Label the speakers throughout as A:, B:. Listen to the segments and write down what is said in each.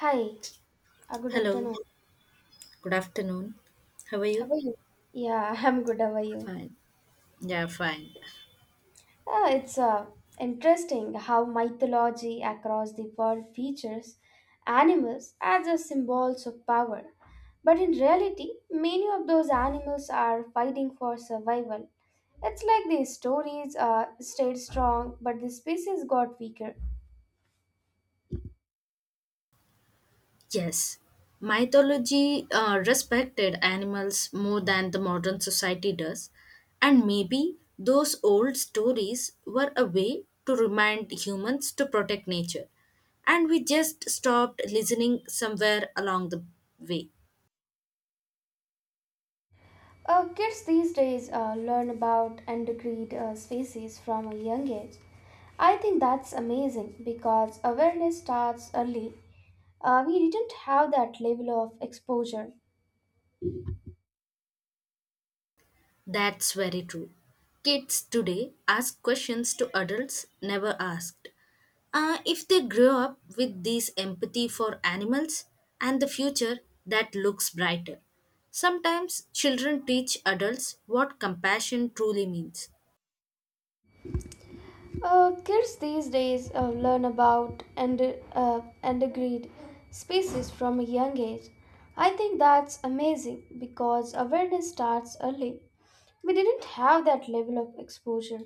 A: Hi, good
B: Hello,
A: afternoon.
B: good afternoon. How are
A: How
B: you?
A: are you? Yeah, I'm good. How are you?
B: Fine. Yeah, fine.
A: It's interesting how mythology across the world features animals as a symbols of power. But in reality, many of those animals are fighting for survival. It's like the stories stayed strong, but the species got weaker.
B: Yes, mythology respected animals more than the modern society does, and maybe those old stories were a way to remind humans to protect nature, and we just stopped listening somewhere along the way.
A: Kids these days learn about endangered species from a young age. I think that's amazing because awareness starts early. We didn't have that level of exposure.
B: That's very true. Kids today ask questions to adults never asked. If they grow up with this empathy for animals and the future, that looks brighter. Sometimes children teach adults what compassion truly means.
A: Kids these days learn about and endangered species from a young age. I think that's amazing because awareness starts early. We didn't have that level of exposure.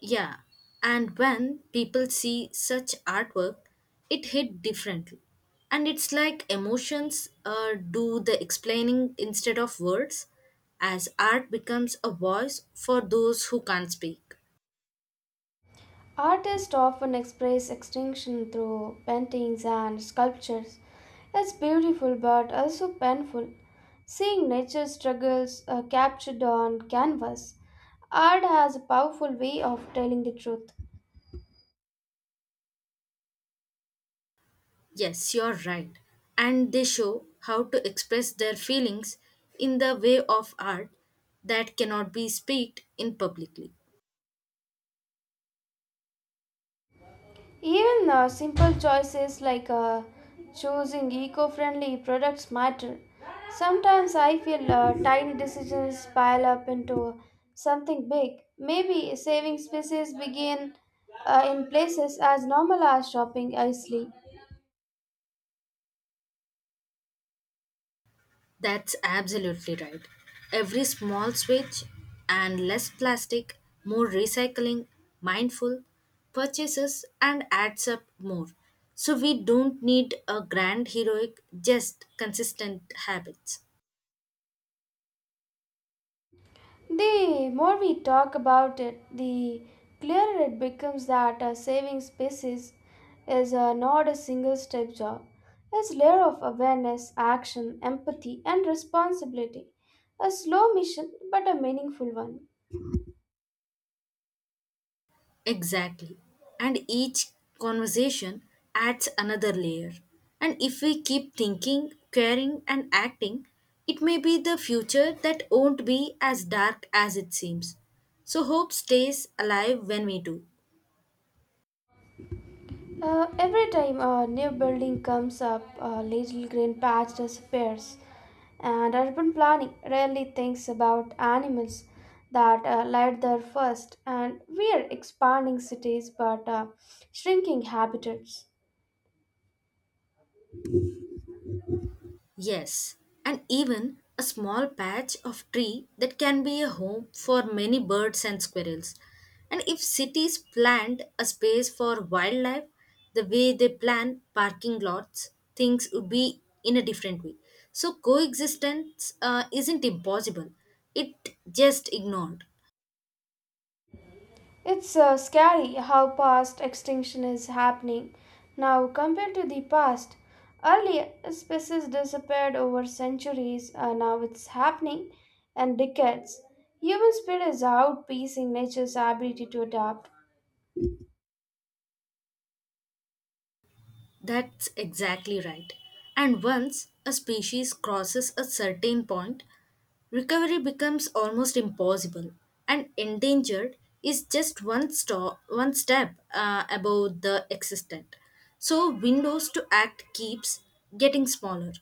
B: Yeah, and when people see such artwork, it hit differently. And it's like emotions do the explaining instead of words, as art becomes a voice for those who can't speak.
A: Artists often express extinction through paintings and sculptures. It's beautiful but also painful. Seeing nature struggles captured on canvas, art has a powerful way of telling the truth.
B: Yes, you're right. And they show how to express their feelings in the way of art that cannot be speaked in publicly.
A: Even simple choices like choosing eco friendly products matter. Sometimes I feel tiny decisions pile up into something big. Maybe saving spaces begin in places as normal as shopping wisely.
B: That's absolutely right. Every small switch and less plastic, more recycling, mindful purchases and adds up more. So we don't need a grand heroic, just consistent habits.
A: The more we talk about it, the clearer it becomes that saving species is not a single step job. It's a layer of awareness, action, empathy, and responsibility. A slow mission, but a meaningful one.
B: Exactly. And each conversation adds another layer. And if we keep thinking, caring, and acting, it may be the future that won't be as dark as it seems. So hope stays alive when we do.
A: Every time a new building comes up, a little green patch disappears, and urban planning rarely thinks about animals that lived there first. And we are expanding cities but shrinking habitats.
B: Yes, and even a small patch of tree that can be a home for many birds and squirrels. And if cities planned a space for wildlife the way they plan parking lots, things would be in a different way. So coexistence isn't impossible, it just ignored.
A: It's scary how past extinction is happening now compared to the past. Earlier, species disappeared over centuries, now it's happening in decades. Human speed is outpacing nature's ability to adapt.
B: That's exactly right. And once a species crosses a certain point, recovery becomes almost impossible, and endangered is just one, one step above the existent. So, windows to act keeps getting smaller.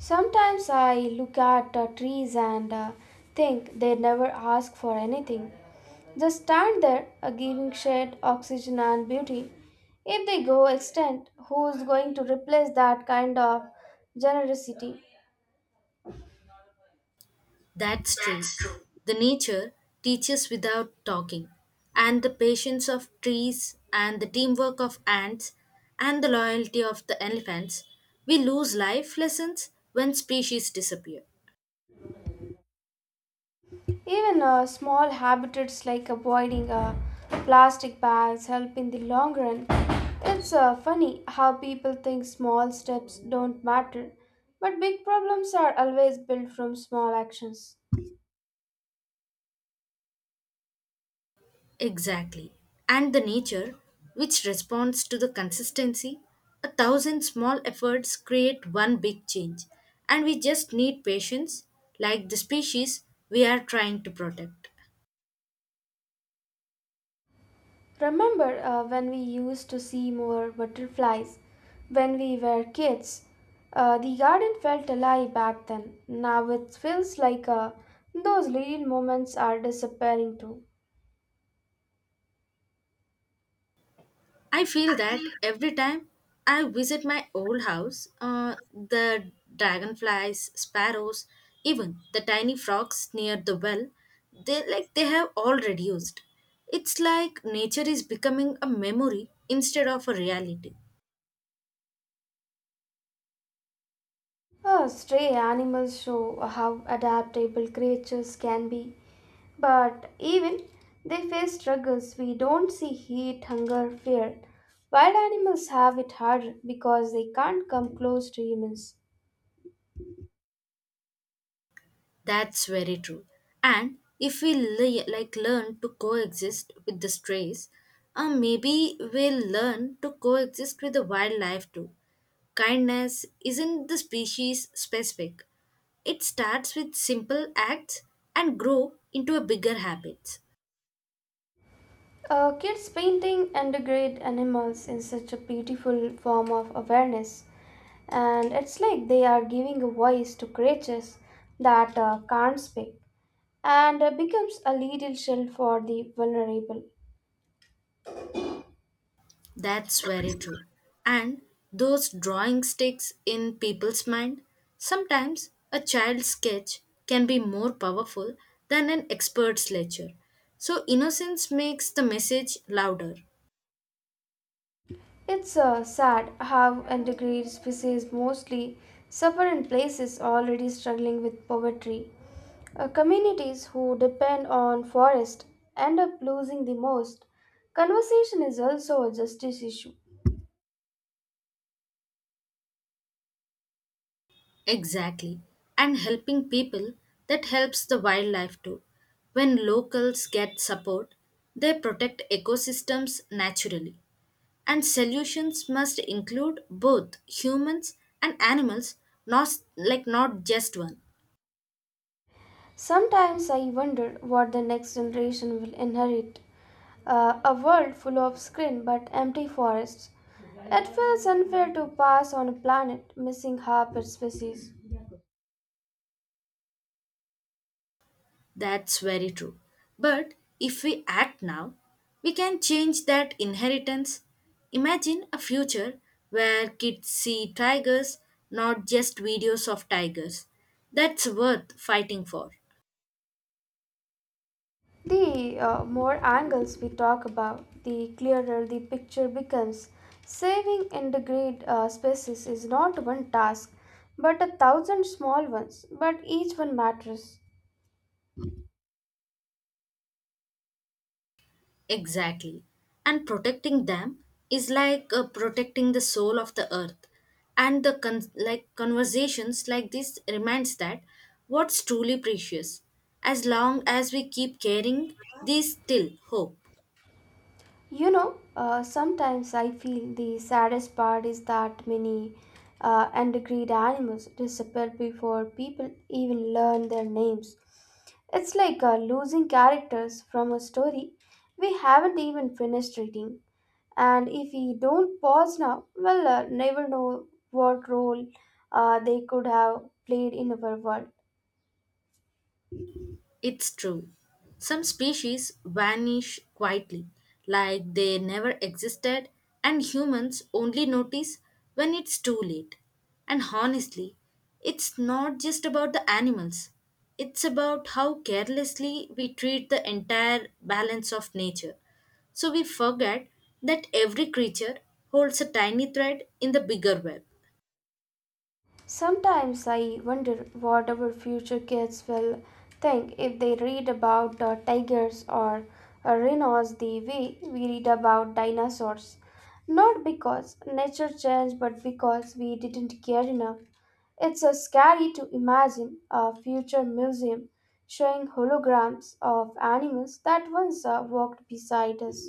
A: Sometimes I look at trees and think they never ask for anything. Just stand there, giving shade, oxygen, and beauty. If they go extinct, who's going to replace that kind of generosity?
B: That's true. The nature teaches without talking, and the patience of trees, and the teamwork of ants, and the loyalty of the elephants. We lose life lessons when species disappear.
A: Even small habits like avoiding plastic bags help in the long run. It's funny how people think small steps don't matter, but big problems are always built from small actions.
B: Exactly. And the nature, which responds to the consistency, a thousand small efforts create one big change, and we just need patience, like the species we are trying to protect.
A: Remember when we used to see more butterflies when we were kids? The garden felt alive back then. Now it feels like those little moments are disappearing too.
B: I feel that every time I visit my old house, the dragonflies, sparrows, even the tiny frogs near the well, they like they have all reduced. It's like nature is becoming a memory instead of a reality.
A: Stray animals show how adaptable creatures can be, but even they face struggles we don't see heat, hunger, fear. Wild animals have it harder because they can't come close to humans.
B: That's very true. And if we like learn to coexist with the strays, maybe we'll learn to coexist with the wildlife too. Kindness isn't the species specific. It starts with simple acts and grow into a bigger habits.
A: Kids painting integrate animals in such a beautiful form of awareness, and it's like they are giving a voice to creatures that can't speak and becomes a little shield for the vulnerable.
B: That's very true. And those drawing sticks in people's mind, sometimes a child's sketch can be more powerful than an expert's lecture. So innocence makes the message louder.
A: It's sad how endangered species mostly suffer in places already struggling with poverty. Communities who depend on forest end up losing the most. Conservation is also a justice issue.
B: Exactly. And helping people, that helps the wildlife too. When locals get support, they protect ecosystems naturally. And solutions must include both humans and animals, not like not just one.
A: Sometimes I wonder what the next generation will inherit a world full of screen but empty forests. It feels unfair to pass on a planet missing half its species.
B: That's very true. But if we act now, we can change that inheritance. Imagine a future where kids see tigers, not just videos of tigers. That's worth fighting for.
A: The more angles we talk about, the clearer the picture becomes. Saving endangered species is not one task, but a thousand small ones, but each one matters.
B: Exactly. And protecting them is like protecting the soul of the earth. And the like conversations like this reminds that what's truly precious. As long as we keep caring, there's still hope.
A: You know, sometimes I feel the saddest part is that many endangered animals disappear before people even learn their names. It's like losing characters from a story we haven't even finished reading. And if we don't pause now, well, never know what role they could have played in our world.
B: It's true. Some species vanish quietly, like they never existed, and humans only notice when it's too late. And honestly, it's not just about the animals, it's about how carelessly we treat the entire balance of nature. So we forget that every creature holds a tiny thread in the bigger web.
A: Sometimes I wonder what our future kids will think if they read about tigers or rhinos the way we read about dinosaurs. Not because nature changed, but because we didn't care enough. It's scary to imagine a future museum showing holograms of animals that once walked beside us.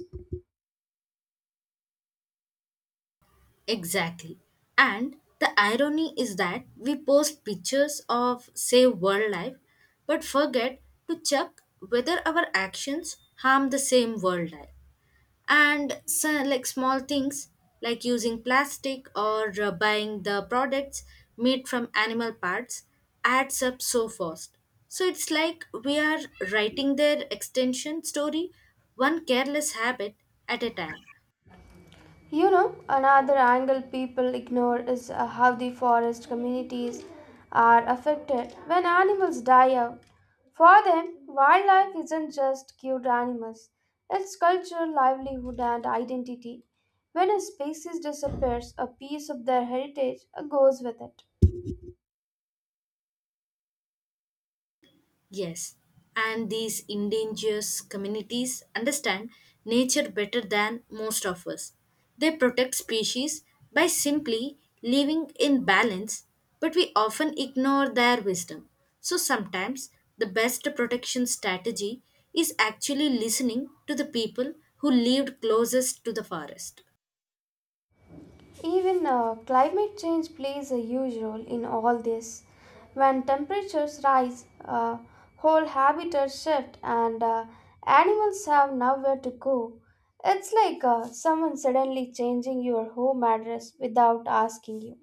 B: Exactly. And the irony is that we post pictures of, say, wildlife, but forget to check whether our actions harm the same wildlife. And so, like small things like using plastic or buying the products made from animal parts adds up so fast. So it's like we are writing their extension story one careless habit at a time.
A: You know, another angle people ignore is how the forest communities are affected when animals die out. For them, wildlife isn't just cute animals, it's culture, livelihood, and identity. When a species disappears, a piece of their heritage goes with it.
B: Yes, and these endangered communities understand nature better than most of us. They protect species by simply living in balance, but we often ignore their wisdom. So sometimes the best protection strategy is actually listening to the people who lived closest to the forest.
A: Even climate change plays a huge role in all this. When temperatures rise, whole habitats shift, and animals have nowhere to go. It's like someone suddenly changing your home address without asking you.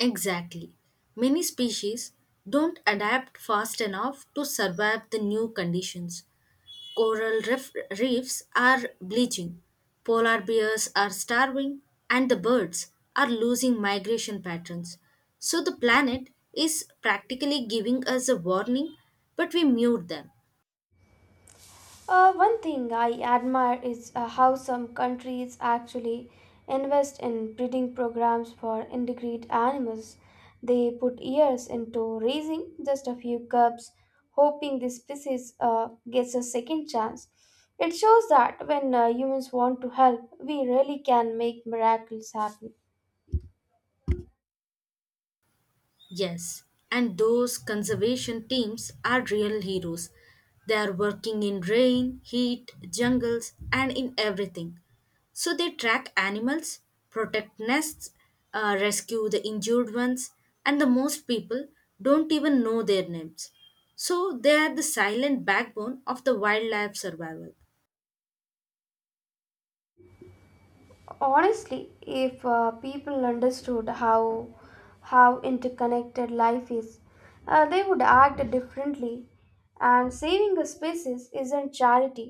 B: Exactly. Many species don't adapt fast enough to survive the new conditions. Coral reefs are bleaching, polar bears are starving, and the birds are losing migration patterns. So the planet is practically giving us a warning, but we mute them.
A: One thing I admire is how some countries actually invest in breeding programs for endangered animals. They put years into raising just a few cubs, hoping the species gets a second chance. It shows that when humans want to help, we really can make miracles happen.
B: Yes, and those conservation teams are real heroes. They are working in rain, heat, jungles, and in everything. So they track animals, protect nests, rescue the injured ones, and the most people don't even know their names. So they are the silent backbone of the wildlife survival.
A: Honestly, if people understood how interconnected life is, they would act differently. And saving a species isn't charity;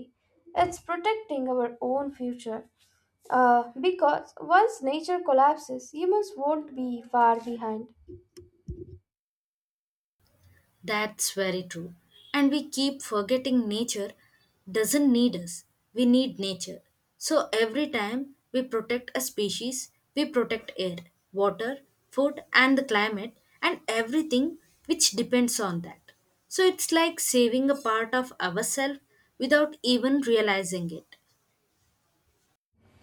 A: it's protecting our own future. Because once nature collapses, humans won't be far behind.
B: That's very true. And we keep forgetting nature doesn't need us. We need nature. So every time we protect a species, we protect air, water, food, and the climate, and everything which depends on that. So it's like saving a part of ourselves without even realizing it.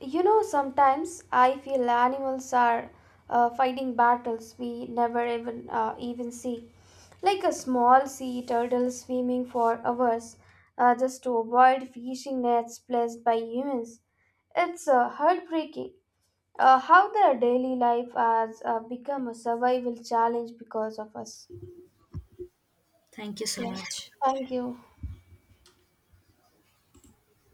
A: You know, sometimes I feel animals are fighting battles we never even see, like a small sea turtle swimming for hours just to avoid fishing nets placed by humans. It's heartbreaking how their daily life has become a survival challenge because of us.
B: Thank you so
A: Yeah,
B: much.
A: thank you.